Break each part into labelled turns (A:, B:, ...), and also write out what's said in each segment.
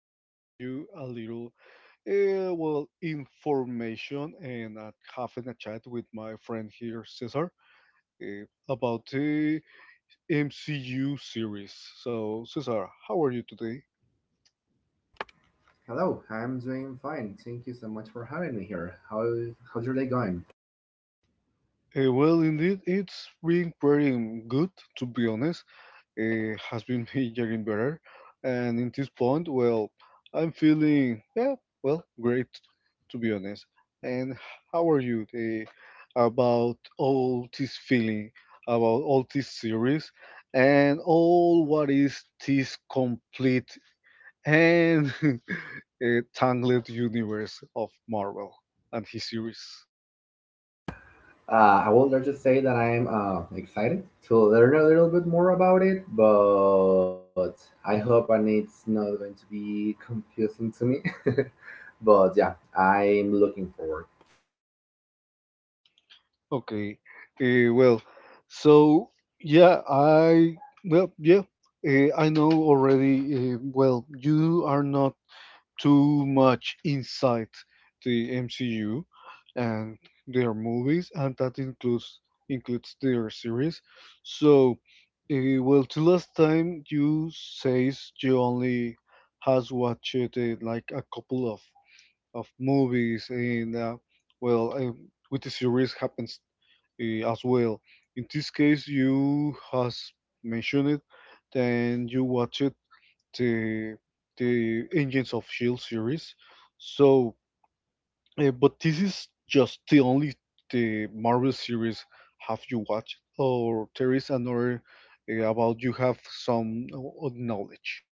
A: to share you a little, information and having a chat with my friend here, Cesar, uh, about the MCU series. So, Cesar, how are you today?
B: Hello, I'm doing fine. Thank you so much for having me here. How's your day going?
A: Indeed, it's been pretty good, to be honest. Has been me getting better, and in this point, well, I'm feeling yeah, well, great to be honest. And how are you about all this feeling, about all this series, and all what is this complete and uh, tangled universe of Marvel and his series?
B: I would like to say that I'm excited to learn a little bit more about it, but I hope and it's not going to be confusing to me. But I'm looking forward.
A: Okay. Uh, well, so yeah, I well yeah, I know already. You are not too much inside the MCU and their movies, and that includes their series. So, the last time you says you only has watched like a couple of movies and well, uh, with the series happens as well. In this case, you has mentioned it, then you watched the the Agents of Shield series. So, but this is just the only the Marvel series have you watched, or there is another about you have some knowledge.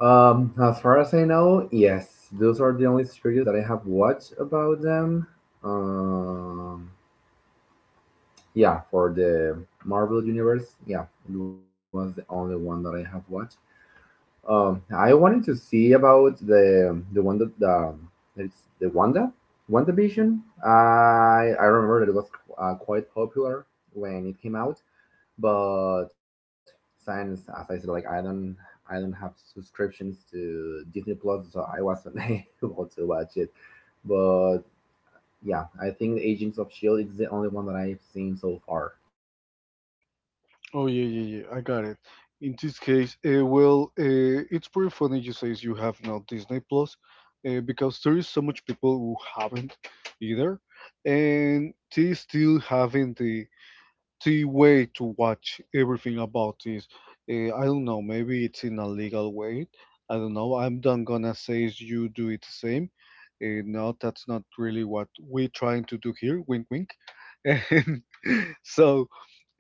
B: As far as I know, yes, those are the only series that I have watched about them. Um, yeah, for the Marvel Universe, yeah, it was the only one that I have watched. I wanted to see about the one that the it's the WandaVision. I remember that it was quite popular when it came out, but since as I said, like I don't have subscriptions to Disney Plus, so I wasn't able to watch it. But yeah, I think Agents of Shield is the only one that I've seen so far.
A: Oh yeah, yeah, yeah, I got it. In this case, it's pretty funny you say you have now Disney Plus, because there is so much people who haven't either, and they still having the way to watch everything about this. I don't know. Maybe it's in a legal way. I don't know. I'm not gonna say you do it the same. No, that's not really what we're trying to do here. Wink, wink. And so,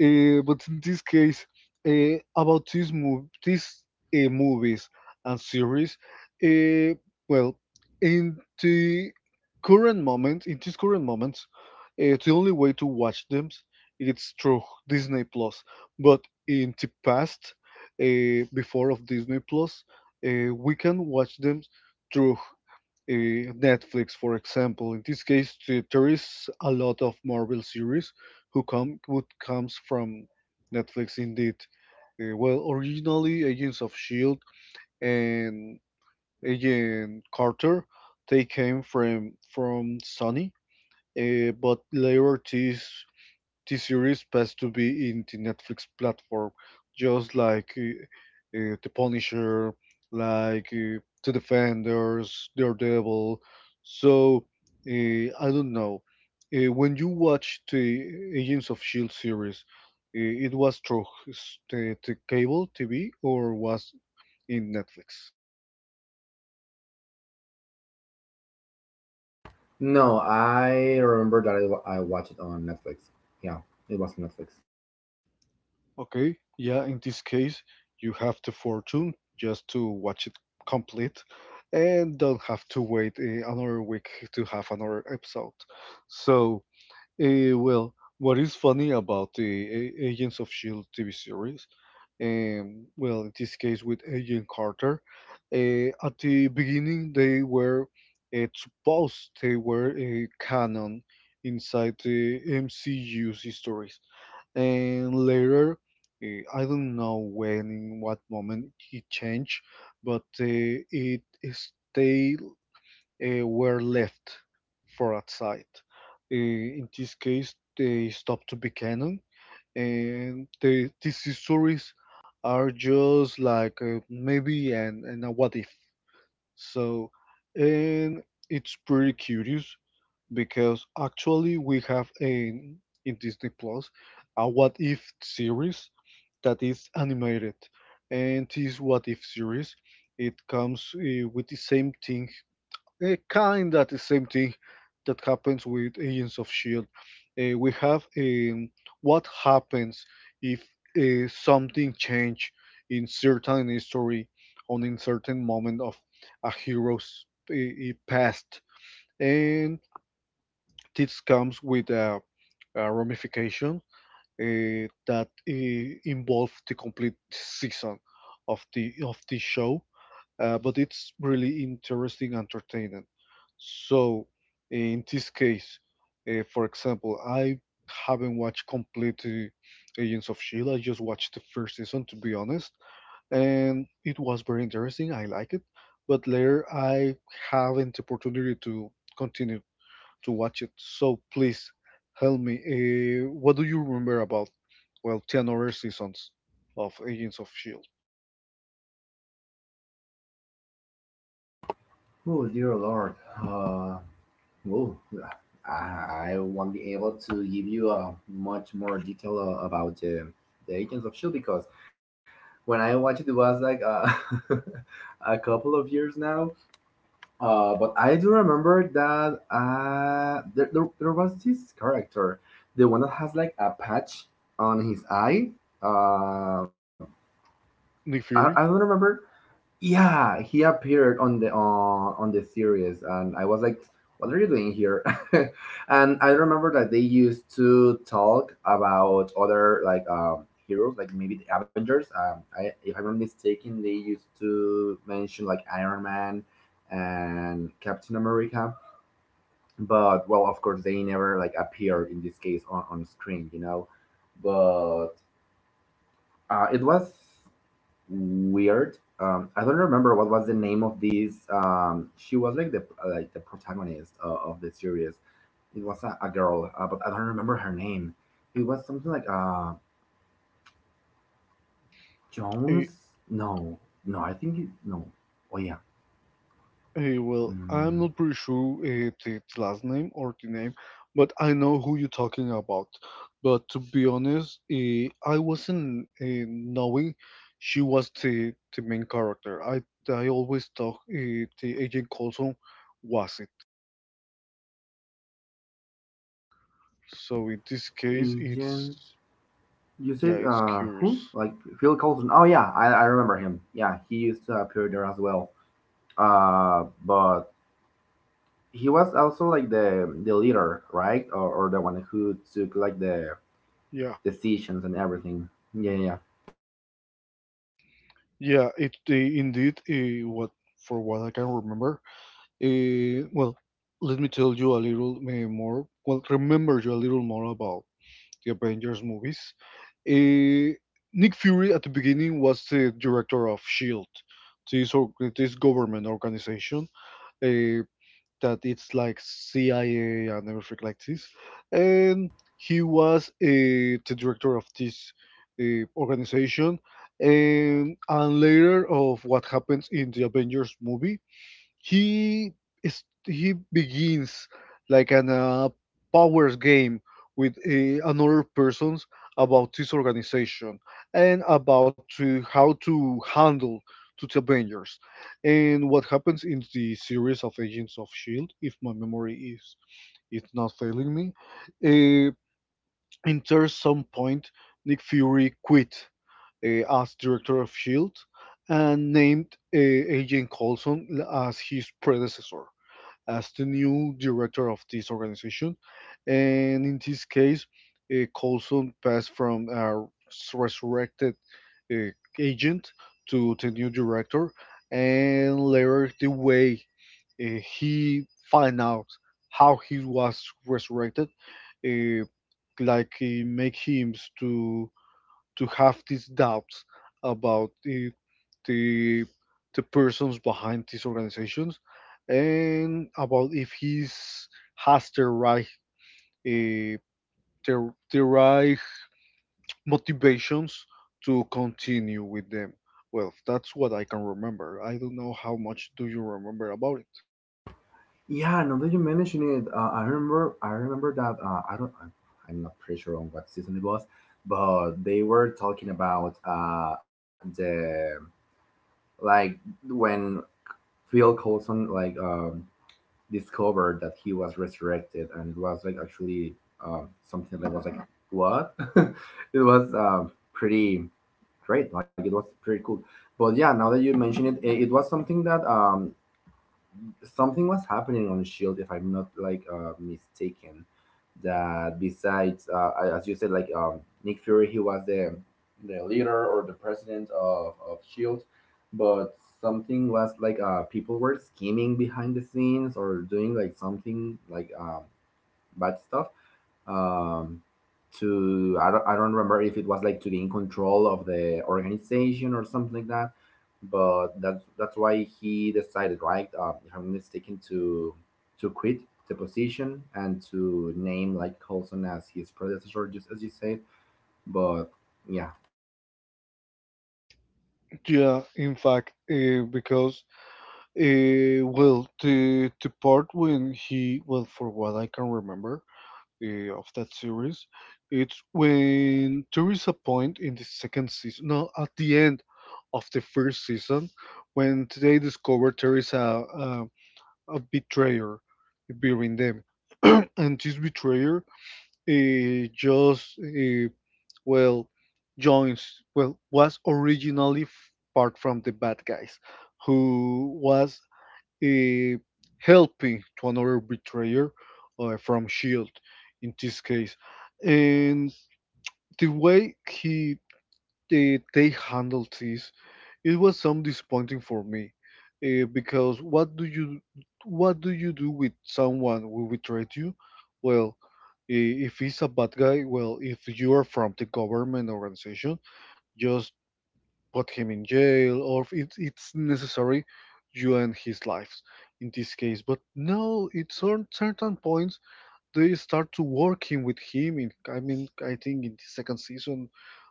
A: but in this case, about this mov these movies and series, uh, well, in the current moment, in this current moment, the only way to watch them it's through Disney Plus. But in the past, before of Disney Plus, we can watch them Netflix, for example. In this case, there is a lot of Marvel series who come would comes from Netflix indeed. Originally Agents of Shield and Agent Carter, they came from Sony, but later this series passed to be in the Netflix platform, just like The Punisher, like The Defenders, Daredevil. So I don't know. When you watch the Agents of Shield series, uh, it was through the cable TV or was in Netflix?
B: No, I remember that I watched it on Netflix. Yeah, it was on Netflix.
A: Okay, yeah, in this case, you have the fortune just to watch it complete and don't have to wait another week to have another episode. So, uh, well, what is funny about the Agents of S.H.I.E.L.D. TV series, in this case with Agent Carter, at the beginning they were supposed they were a canon inside the MCU's history, and later I don't know when in what moment he changed, but they were left for outside. uh, in this case they stopped to be canon, and these histories are just like maybe and a what if. So and it's pretty curious because actually we have a in Disney Plus a what if series that is animated, and this What If series. It comes with kind of the same thing that happens with Agents of Shield. We have what happens if something change in certain history on in certain moment of a hero's past, and this comes with a, ramification that involve the complete season of the show. But it's really interesting, and entertaining. So in this case, for example, I haven't watched complete Agents of Shield. I just watched the first season, to be honest, and it was very interesting. I like it, but later I haven't the opportunity to continue to watch it. So please help me. What do you remember about, well, 10 other seasons of Agents of S.H.I.E.L.D.?
B: Oh dear Lord. Uh, well, I won't be able to give you much more detail about the Agents of Shield because when I watched it, it was like a couple of years now. But I do remember that there was this character, the one that has like a patch on his eye. Uh,
A: Nick Fury.
B: I don't remember yeah, he appeared on the on the series, and I was like, "What are you doing here?" and I remember that they used to talk about other like heroes, like maybe the Avengers. If I'm not mistaken, they used to mention like Iron Man and Captain America, but well, of course, they never like appeared in this case on screen, you know. But it was weird. I don't remember what was the name of this. She was like the protagonist of the series. It was a girl, but I don't remember her name. It was something like Jones.
A: eh,
B: No, no, I think no. Oh yeah,
A: well, I'm
B: mm,
A: not pretty sure the last name or the name, but I know who you're talking about. But to be honest, I wasn't knowing she was the main character. I always thought the Agent Coulson was it. So in this case, it's
B: Agent. You
A: yeah,
B: said
A: it's curious.
B: who? Like Phil Coulson. Oh yeah, I remember him. Yeah, he used to appear there as well. But he was also like the leader, right? Or the one who took like the
A: Yeah,
B: decisions and everything. Yeah, yeah.
A: yeah, it indeed. Eh, what For what I can remember, Uh, well, let me tell you a little more. Well, remember you a little more about the Avengers movies. Uh, Nick Fury at the beginning was the director of Shield, this or this government organization uh, that it's like CIA and everything like this, and he was the director of this organization. And later of what happens in the Avengers movie, he he begins like an powers game with another persons about this organization and about to, how to handle to the Avengers, and what happens in the series of Agents of Shield, if my memory is it's not failing me, uh, in some point Nick Fury quit as director of Shield and named Agent Coulson as his predecessor, as the new director of this organization. And in this case, Coulson passed from a resurrected uh, agent to the new director, and later the way he find out how he was resurrected, uh, make him to have these doubts about the persons behind these organizations, and about if he's has the right uh, the right motivations to continue with them. Well, that's what I can remember. I don't know how much do you remember about it.
B: Yeah, now that you mention it, I remember that I don't I'm not pretty sure on what season it was, but they were talking about the like when Phil Coulson like discovered that he was resurrected, and it was like actually something that was like what? it was pretty great, like it was pretty cool. But yeah, now that you mention it, it was something that something was happening on Shield, if I'm not like mistaken. That besides, as you said, like Nick Fury, he was the leader or the president of Shield, but something was like people were scheming behind the scenes or doing like something like bad stuff. Um, to I don't remember if it was like to gain control of the organization or something like that. But that's why he decided, right? If I'm not mistaken, to quit the position and to name like Coulson as his predecessor, just as you said. But yeah,
A: Yeah, in fact, because the part when he, well, for what I can remember, of that series. It's when there is a point in the second season, no, at the end of the first season, when they discover there is a, a betrayer between them. And this betrayer eh, just, eh, well, joins, well, was originally part from the bad guys, who was eh, helping to another betrayer from Shield in this case. And the way he they handled this, it was some disappointing for me, because what do you do with someone who betrayed you? Well, i- if he's a bad guy, well, if you are from the government organization, just put him in jail, or if it's necessary, you end his life in this case. But no, at certain points, they start to working with him. In, I mean, I think in the second season,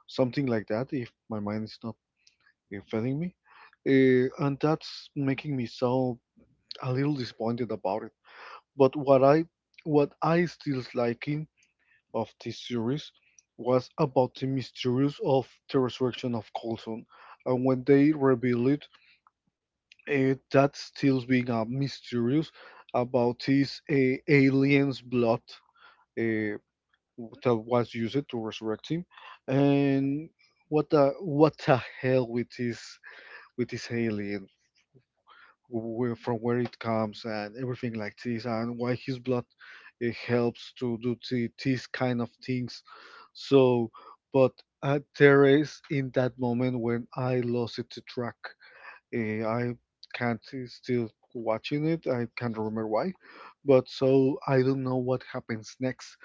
A: something like that, if my mind is not failing me. And that's making me so a little disappointed about it. But what I still liking of this series was about the mysterious of the resurrection of Coulson, and when they reveal it that's still being mysterious about this alien's blood uh, that was used to resurrect him, and what the hell with this alien, where from where it comes and everything like this, and why his blood helps to do these kind of things. So, but there is in that moment when I lost it to track. I can't still watching it. I can't remember why, but so I don't know what happens next.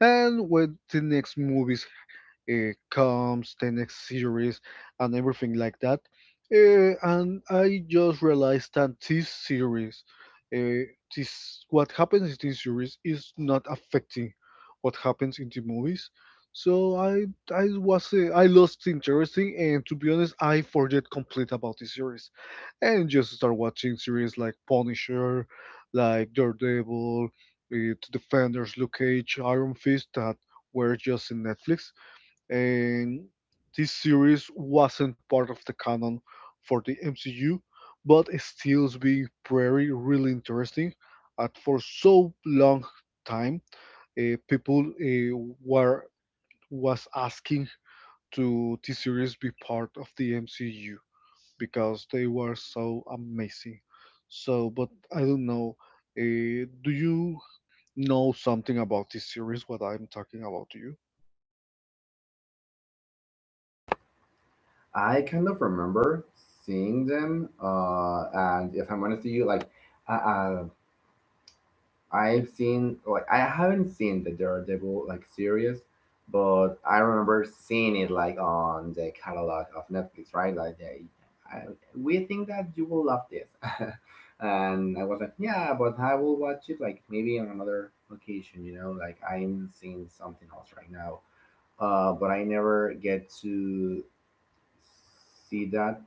A: And when the next movies comes, the next series, and everything like that. And I just realized that this series, uh, this what happens in this series is not affecting what happens in the movies. So I was I lost interest in, and to be honest, I forget complete about the series, and just start watching series like Punisher, like Daredevil, Defenders, Luke Cage, Iron Fist that were just in Netflix. And this series wasn't part of the canon for the MCU, but it still's being very really interesting. And for so long time, eh, people eh, were was asking to this series be part of the MCU because they were so amazing. So, but I don't know. Do you know something about this series? What I'm talking about, do you?
B: I kind of remember seeing them. And if I'm honest with you, like uh, uh, I've seen like I haven't seen the Daredevil like series, but I remember seeing it like on the catalog of Netflix, right? Like we think that you will love this, and I was like, yeah, but I will watch it like maybe on another occasion, you know? Like I'm seeing something else right now, but I never get to see that.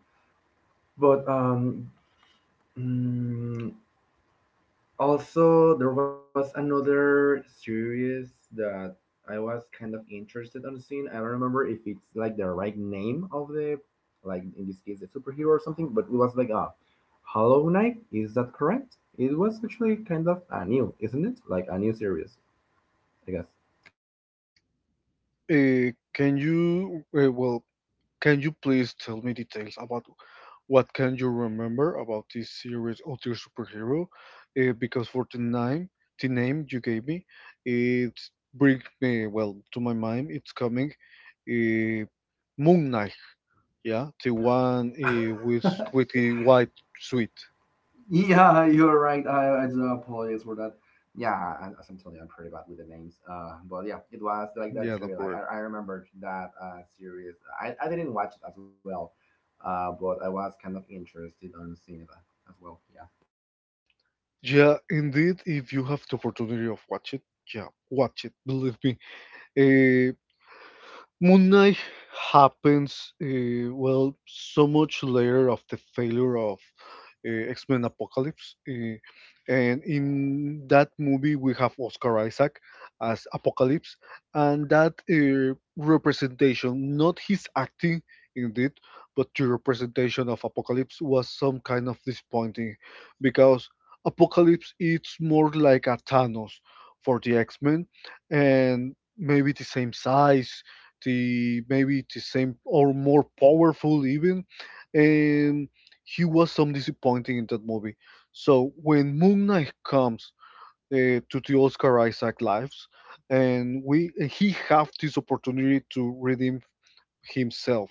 B: But mm, also, there was another series that I was kind of interested on seeing. I don't remember if it's like the right name of the, like in this case, the superhero or something, but it was like a Hollow Knight. Is that correct? It was actually kind of a new, isn't it? Like a new series, I guess.
A: Can you please tell me details about what can you remember about this series of your superhero? Because for the name you gave me, it brings me well to my mind. It's coming, uh, Moon Knight. Yeah, the one with squeaky white sweet.
B: Yeah, you're right. I do apologize for that. Yeah, as I'm telling you, I'm pretty bad with the names. But yeah, it was like
A: Yeah,
B: that
A: do
B: series. Like
A: problem.
B: I remembered that series. I didn't watch it as well, but I was kind of interested on seeing that as well. Yeah.
A: Yeah, indeed, if you have the opportunity of watch it, yeah, watch it. Believe me. Eh, Moon Knight happens, so much later of the failure of X Men Apocalypse. And in that movie, we have Oscar Isaac as Apocalypse, and that representation, not his acting indeed, but the representation of Apocalypse was some kind of disappointing because Apocalypse it's more like a Thanos for the X Men. And maybe the same size, the maybe the same or more powerful even. And he was some disappointing in that movie. So when Moon Knight comes to the Oscar Isaac lives, and he have this opportunity to redeem himself,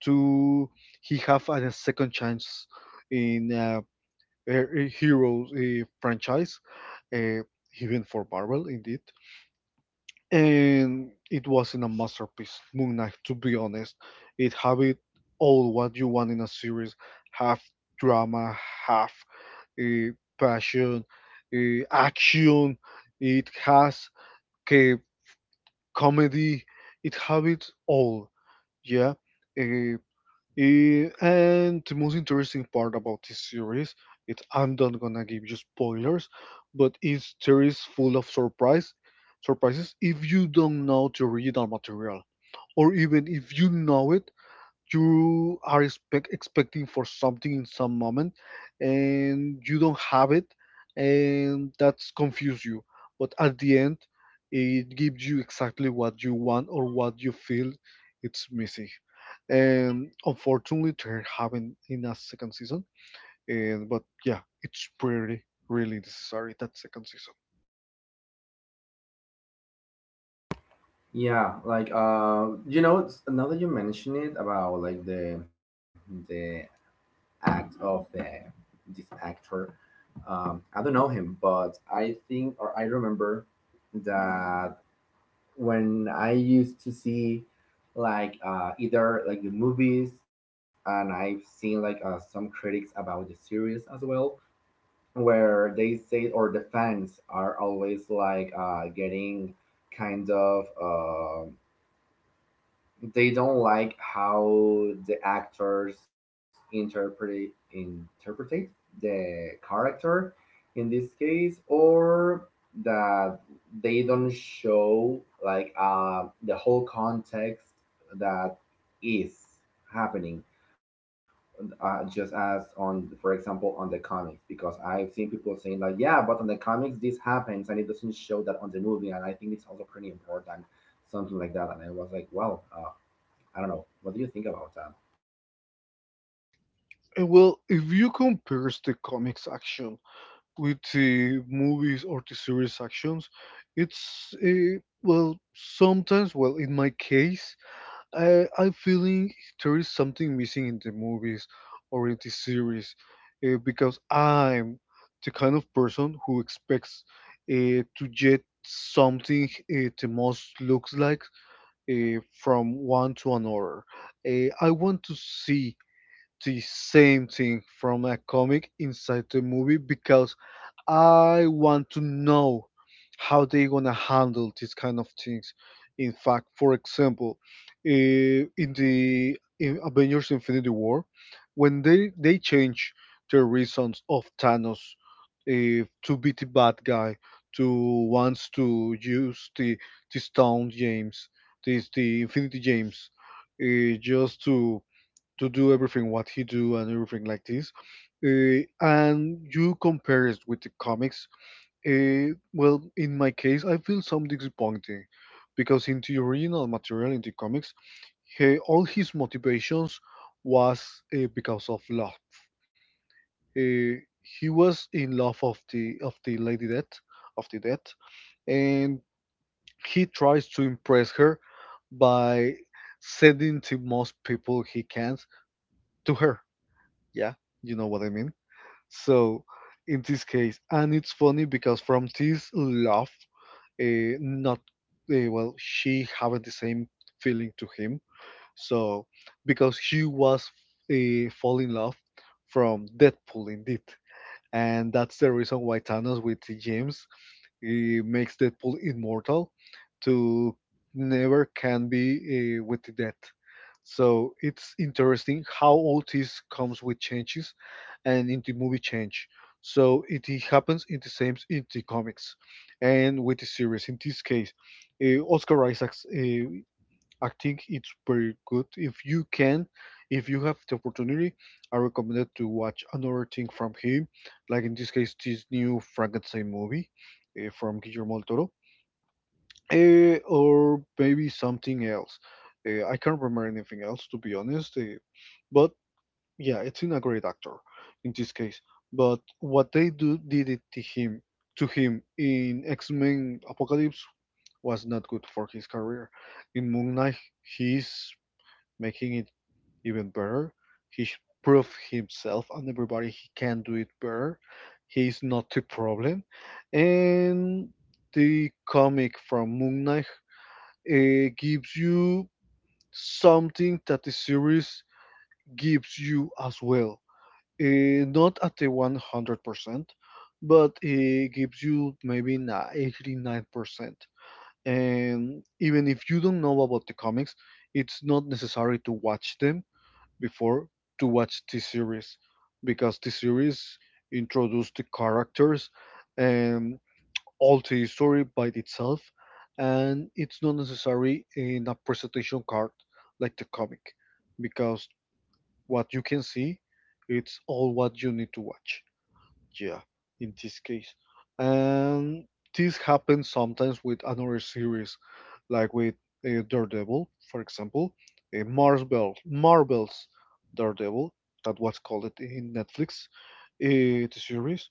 A: to he have a second chance in a hero franchise, uh, even for Marvel indeed. And it wasn't a masterpiece Moon Knight to be honest. It have it all what you want in a series: half drama, half uh, passion, action. It has uh, comedy. It have it all. Yeah. Uh, Eh, and the most interesting part about this series, it I'm not gonna give you spoilers, but it's series full of surprises if you don't know the original material, or even if you know it. You are expecting for something in some moment and you don't have it, and that's confuse you. But at the end, it gives you exactly what you want or what you feel it's missing. And unfortunately they're having in a second season. And but yeah, it's pretty really necessary that second season.
B: Yeah, like you know, it's- now that you mention it about like the act of the this actor, I don't know him, but I think or I remember that when I used to see like either like the movies and I've seen like some critics about the series as well where they say or the fans are always like getting kind of they don't like how the actors interpretate the character in this case or that they don't show like the whole context that is happening just as on for example on the comics, because I've seen people saying like yeah but on the comics this happens and it doesn't show that on the movie, and I think it's also pretty important. Something like that, and I was like well, I don't know. What do you think about that?
A: And well, if you compare the comics action with the movies or the series actions, it's well sometimes well in my case I'm feeling there is something missing in the movies or in the series because I'm the kind of person who expects to get something the most looks like from one to another. I want to see the same thing from a comic inside the movie because I want to know how they gonna handle these kind of things. In fact, for example, in the in Avengers Infinity War, when they change the reasons of Thanos, to be the bad guy, to wants to use the stone James, this the Infinity James, just to do everything what he do and everything like this. And you compare it with the comics. Well, in my case, I feel some disappointing because in the original material in the comics, he, all his motivations was because of love. He was in love of the lady death of the dead, and he tries to impress her by sending the most people he can to her. Yeah, you know what I mean. So in this case, and it's funny because from this love, not well, she having the same feeling to him. So because she was fall in love from Deadpool indeed, and that's the reason why Thanos with James it makes Deadpool immortal to never can be with the death. So it's interesting how all this comes with changes and in the movie change. So it happens in the same in the comics and with the series. In this case, Oscar Isaacs, I think it's pretty good. If you can, if you have the opportunity, I recommend it to watch another thing from him, like in this case, this new Frankenstein movie from Guillermo del Toro, or maybe something else. I can't remember anything else, to be honest. But yeah, it's in a great actor in this case. But what they do did it to him in X Men Apocalypse was not good for his career. In Moon Knight, he's making it even better. He should prove himself and everybody he can do it better. He's not the problem. And the comic from Moon Knight gives you something that the series gives you as well. Not at the 100%, but it gives you maybe an 89%. And even if you don't know about the comics, it's not necessary to watch them before to watch this series because this series introduced the characters and all the story by itself, and it's not necessary in a presentation card like the comic because what you can see it's all what you need to watch, yeah, in this case. And this happens sometimes with another series, like with Daredevil, for example, Marvel's Daredevil, that was called it in Netflix. Uh, the series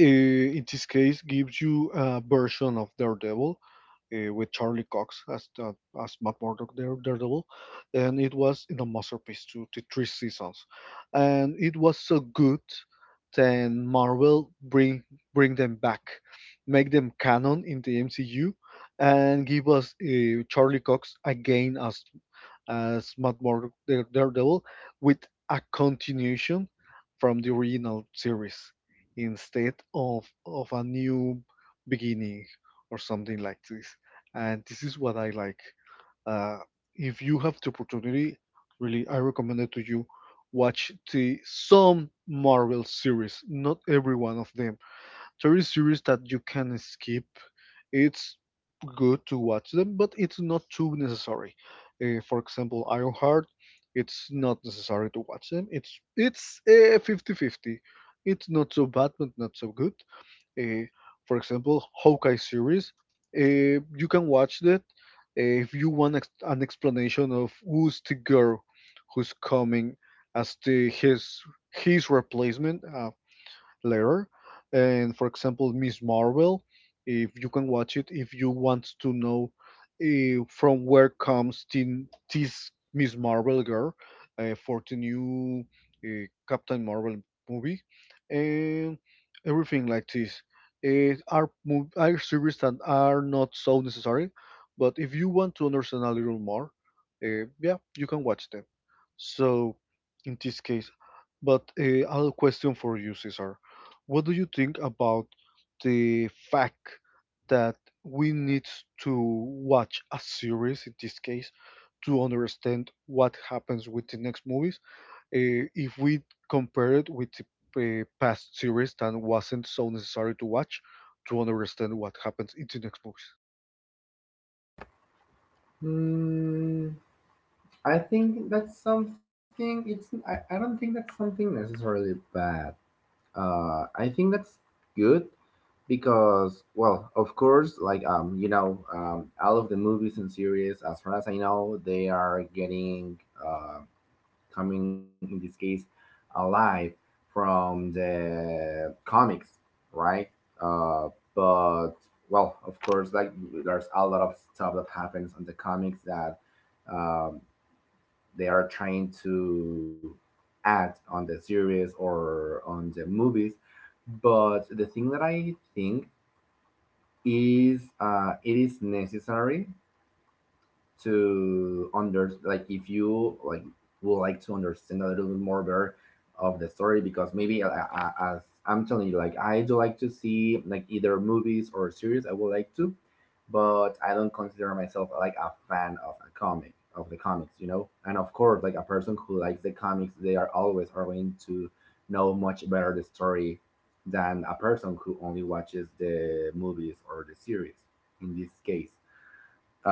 A: in this case gives you a version of Daredevil with Charlie Cox as as Matt Murdock Daredevil, and it was in a masterpiece to the three seasons, and it was so good then Marvel bring them back, make them canon in the MCU, and give us Charlie Cox again as Matt Murdock the Daredevil with a continuation from the original series instead of a new beginning or something like this. And this is what I like. Uh, if you have the opportunity, really, I recommend it to you. Watch the some Marvel series, not every one of them. There is series that you can skip. It's good to watch them, but it's not too necessary. For example, Ironheart, it's not necessary to watch them. It's 50-50. It's not so bad, but not so good. Uh, for example, Hawkeye series, you can watch that if you want an explanation of who's the girl who's coming as the his replacement later. And for example, Miss Marvel, if you can watch it, if you want to know from where comes this Miss Marvel girl for the new Captain Marvel movie, and everything like this. It are are series that are not so necessary, but if you want to understand a little more, yeah, you can watch them. So in this case, but I have question for you, Cesar. What do you think about the fact that we need to watch a series in this case to understand what happens with the next movies? If we compare it with the past series that wasn't so necessary to watch to understand what happens in the next movies.
B: Mm, I think that's something. It's I don't think that's something necessarily bad. I think that's good because, well, of course, like you know, all of the movies and series, as far as I know, they are getting uh coming in this case alive from the comics, right? Uh, but well, of course, like there's a lot of stuff that happens on the comics that um, they are trying to add on the series or on the movies. But the thing that I think is it is necessary to under like if you like would like to understand a little bit more better of the story, because maybe as I'm telling you like I do like to see like either movies or series I would like to, but I don't consider myself like a fan of a comic of the comics, you know, and of course like a person who likes the comics they are always are going to know much better the story than a person who only watches the movies or the series in this case.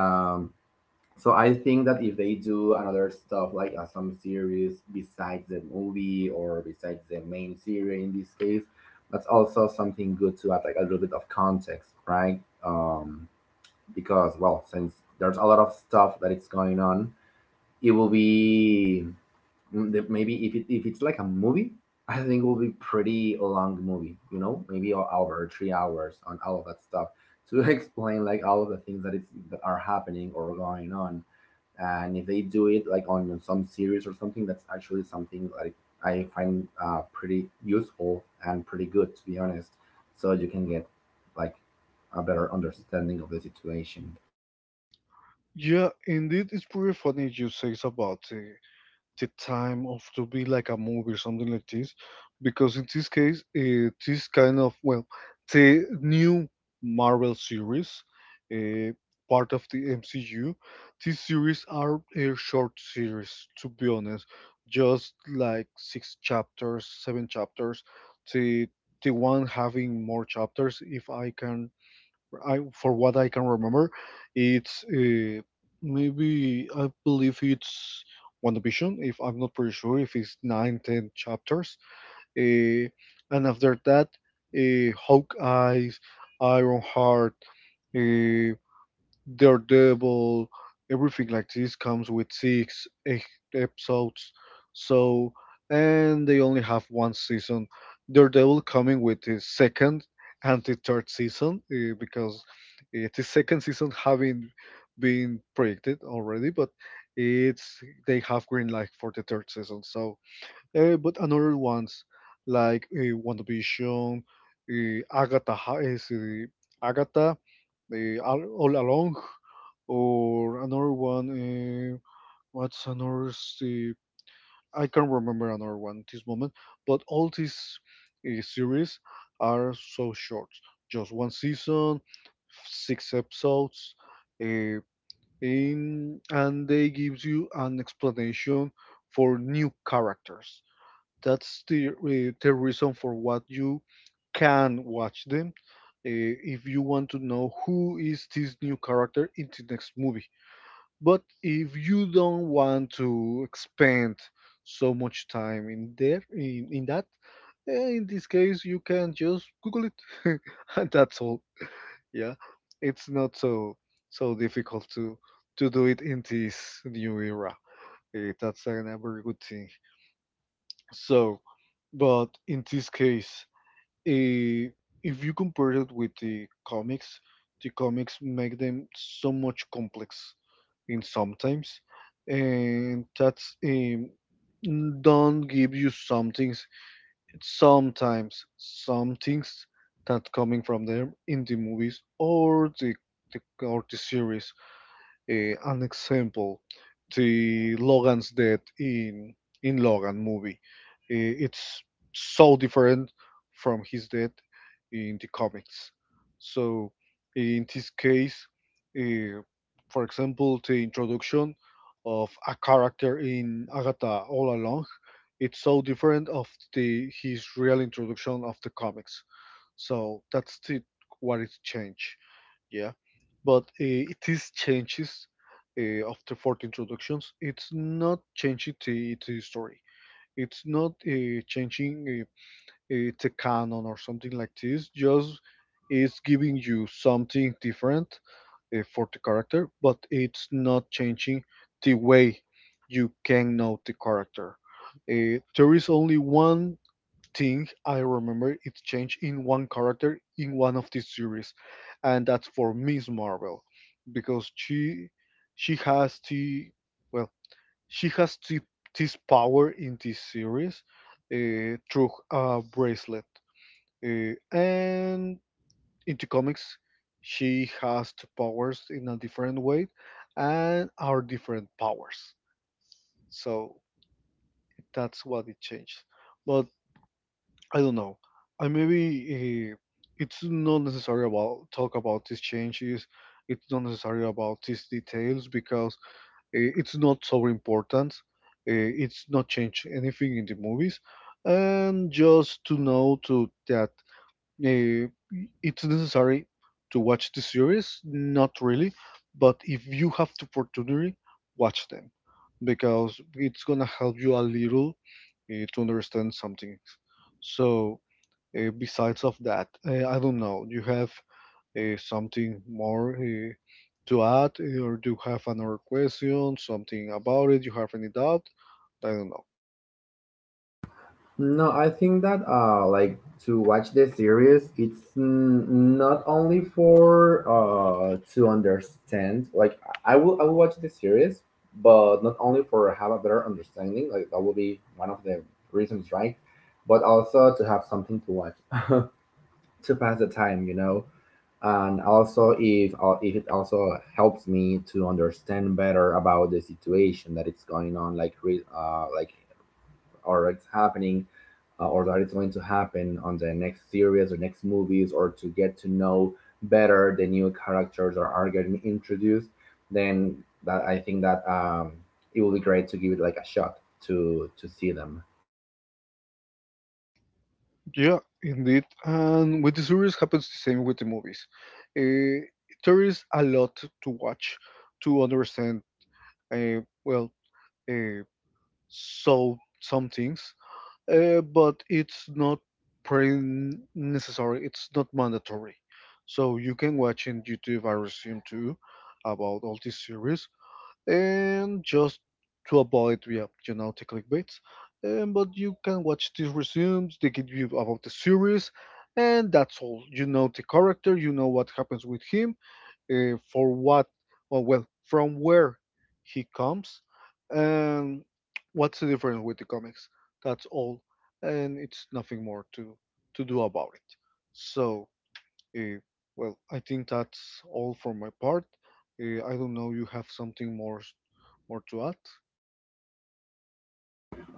B: Um so I think that if they do another stuff like some series besides the movie or besides the main series in this case, that's also something good to add like a little bit of context, right? Um, because well, since there's a lot of stuff that it's going on, it will be maybe if it, if it's like a movie, I think it will be pretty long movie. You know, maybe an hour, 3 hours on all of that stuff to explain like all of the things that it's that are happening or going on. And if they do it like on some series or something, that's actually something like I find pretty useful and pretty good to be honest. So you can get like a better understanding of the situation.
A: Yeah, indeed, it's pretty funny you say about the time of to be like a movie or something like this, because in this case, this kind of well, the new Marvel series, uh, part of the MCU, these series are a short series. To be honest, just like six chapters, seven chapters. The the one having more chapters, if I can I for what I can remember, it's maybe I believe it's WandaVision. If I'm not pretty sure if it's nine, ten chapters. Uh, and after that, Hawkeye, Ironheart, uh, Daredevil, everything like this comes with 6-8 episodes. So, and they only have one season. Daredevil coming with the second and the third season because the second season having been predicted already, but it's they have green light for the third season. So, but another ones like WandaVision, is Agatha, all along or another one. What's another? I can't remember another one at this moment. But all these series are so short, just one season, six episodes, uh, and they gives you an explanation for new characters. That's the reason for what you can watch them if you want to know who is this new character in the next movie. But if you don't want to expend so much time in there in that, in this case you can just Google it and that's all. Yeah. It's not so difficult to do it in this new era. That's a very good thing. So, but in this case, eh, if you compare it with the comics make them so much complex in sometimes, and that's don't give you some things sometimes some things that coming from them in the movies or the series. An example, the Logan's death in Logan movie. It's so different from his death in the comics. So in this case, eh, for example, the introduction of a character in Agatha All Along, it's so different of the his real introduction of the comics. So that's the what it changed. Yeah, but it is changes after 40 introductions. It's not changing the story. It's not changing the canon or something like this. Just it's giving you something different for the character, but it's not changing the way you can know the character. There is only one thing I remember it changed in one character in one of these series, and that's for Miss Marvel, because she has the well she has this power in this series through a bracelet, and in the comics she has the powers in a different way, and are different powers. So that's what it changed. But I don't know. I maybe it's not necessary about talk about these changes. It's not necessary about these details because it's not so important. It's not changed anything in the movies, and just to know to that uh, it's necessary to watch the series. Not really, but if you have the opportunity, watch them because it's gonna help you a little to understand some things. So besides of that, I don't know. Do you have something more to add, or do you have another question, something about it? You have any doubt? I don't know.
B: No, I think that like to watch the series, it's not only for to understand. Like I will watch the series, but not only for have a better understanding. Like that will be one of the reasons, right? But also to have something to watch to pass the time, you know. And also, if it also helps me to understand better about the situation that it's going on, like like or it's happening or that it's going to happen on the next series or next movies, or to get to know better the new characters or are getting introduced, then that I think that it will be great to give it like a shot to see them.
A: Yeah, indeed. And with the series happens the same with the movies. Uh, there is a lot to watch to understand. Well, uh, so some things. But it's not pretty necessary. It's not mandatory. So you can watch in YouTube, I resume too, about all these series, and just to avoid, yeah, the clickbaits. But you can watch these resumes. They give you about the series, and that's all. You know the character. You know what happens with him, for what, or well, from where he comes, and what's the difference with the comics. That's all, and it's nothing more to do about it. So, uh, well, I think that's all for my part. I don't know, you have something more more to add?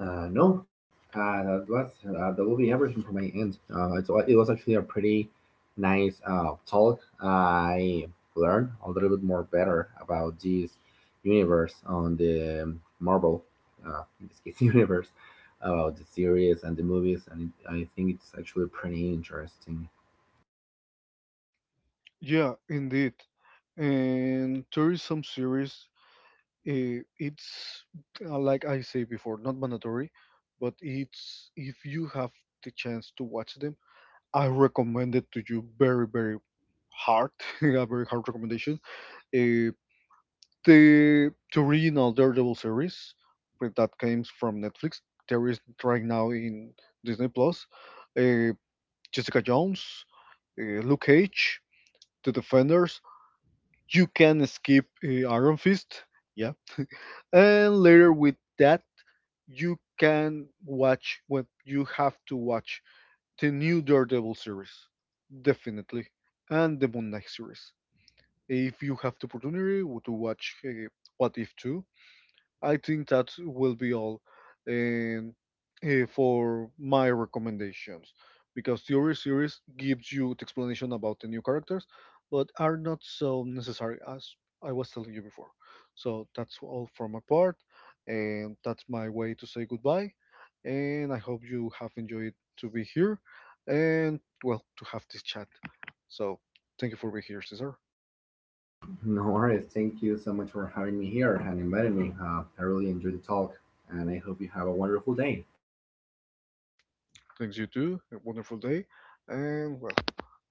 B: No, that was that will be everything from my end. It was actually a pretty nice talk. I learned a little bit more better about this universe on the Marvel, uh, in this case, universe about the series and the movies, and I think it's actually pretty interesting.
A: Yeah, indeed. And there is some series. It's like I say before, not mandatory, but it's if you have the chance to watch them, I recommend it to you very, very hard, a very hard recommendation. Eh, the original Daredevil series but that comes from Netflix. There is right now in Disney Plus. eh, Jessica Jones, Luke Cage, The Defenders. You can skip Iron Fist, yeah. And later with that you can watch what you have to watch. The new Daredevil series, definitely, and the Moon Knight series. If you have the opportunity to watch What If 2, I think that will be all um, for my recommendations because theory series gives you the explanation about the new characters, but are not so necessary as I was telling you before. So that's all from my part, and that's my way to say goodbye. And I hope you have enjoyed to be here, and well to have this chat. So thank you for being here, Cesar.
B: No worries. Thank you so much for having me here and inviting me. I really enjoyed the talk, and I hope you have a wonderful day.
A: Thanks, you too. A wonderful day. And well,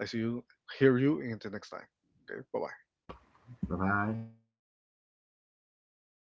A: I see you, hear you in the next time. Okay, bye bye.
B: Bye bye.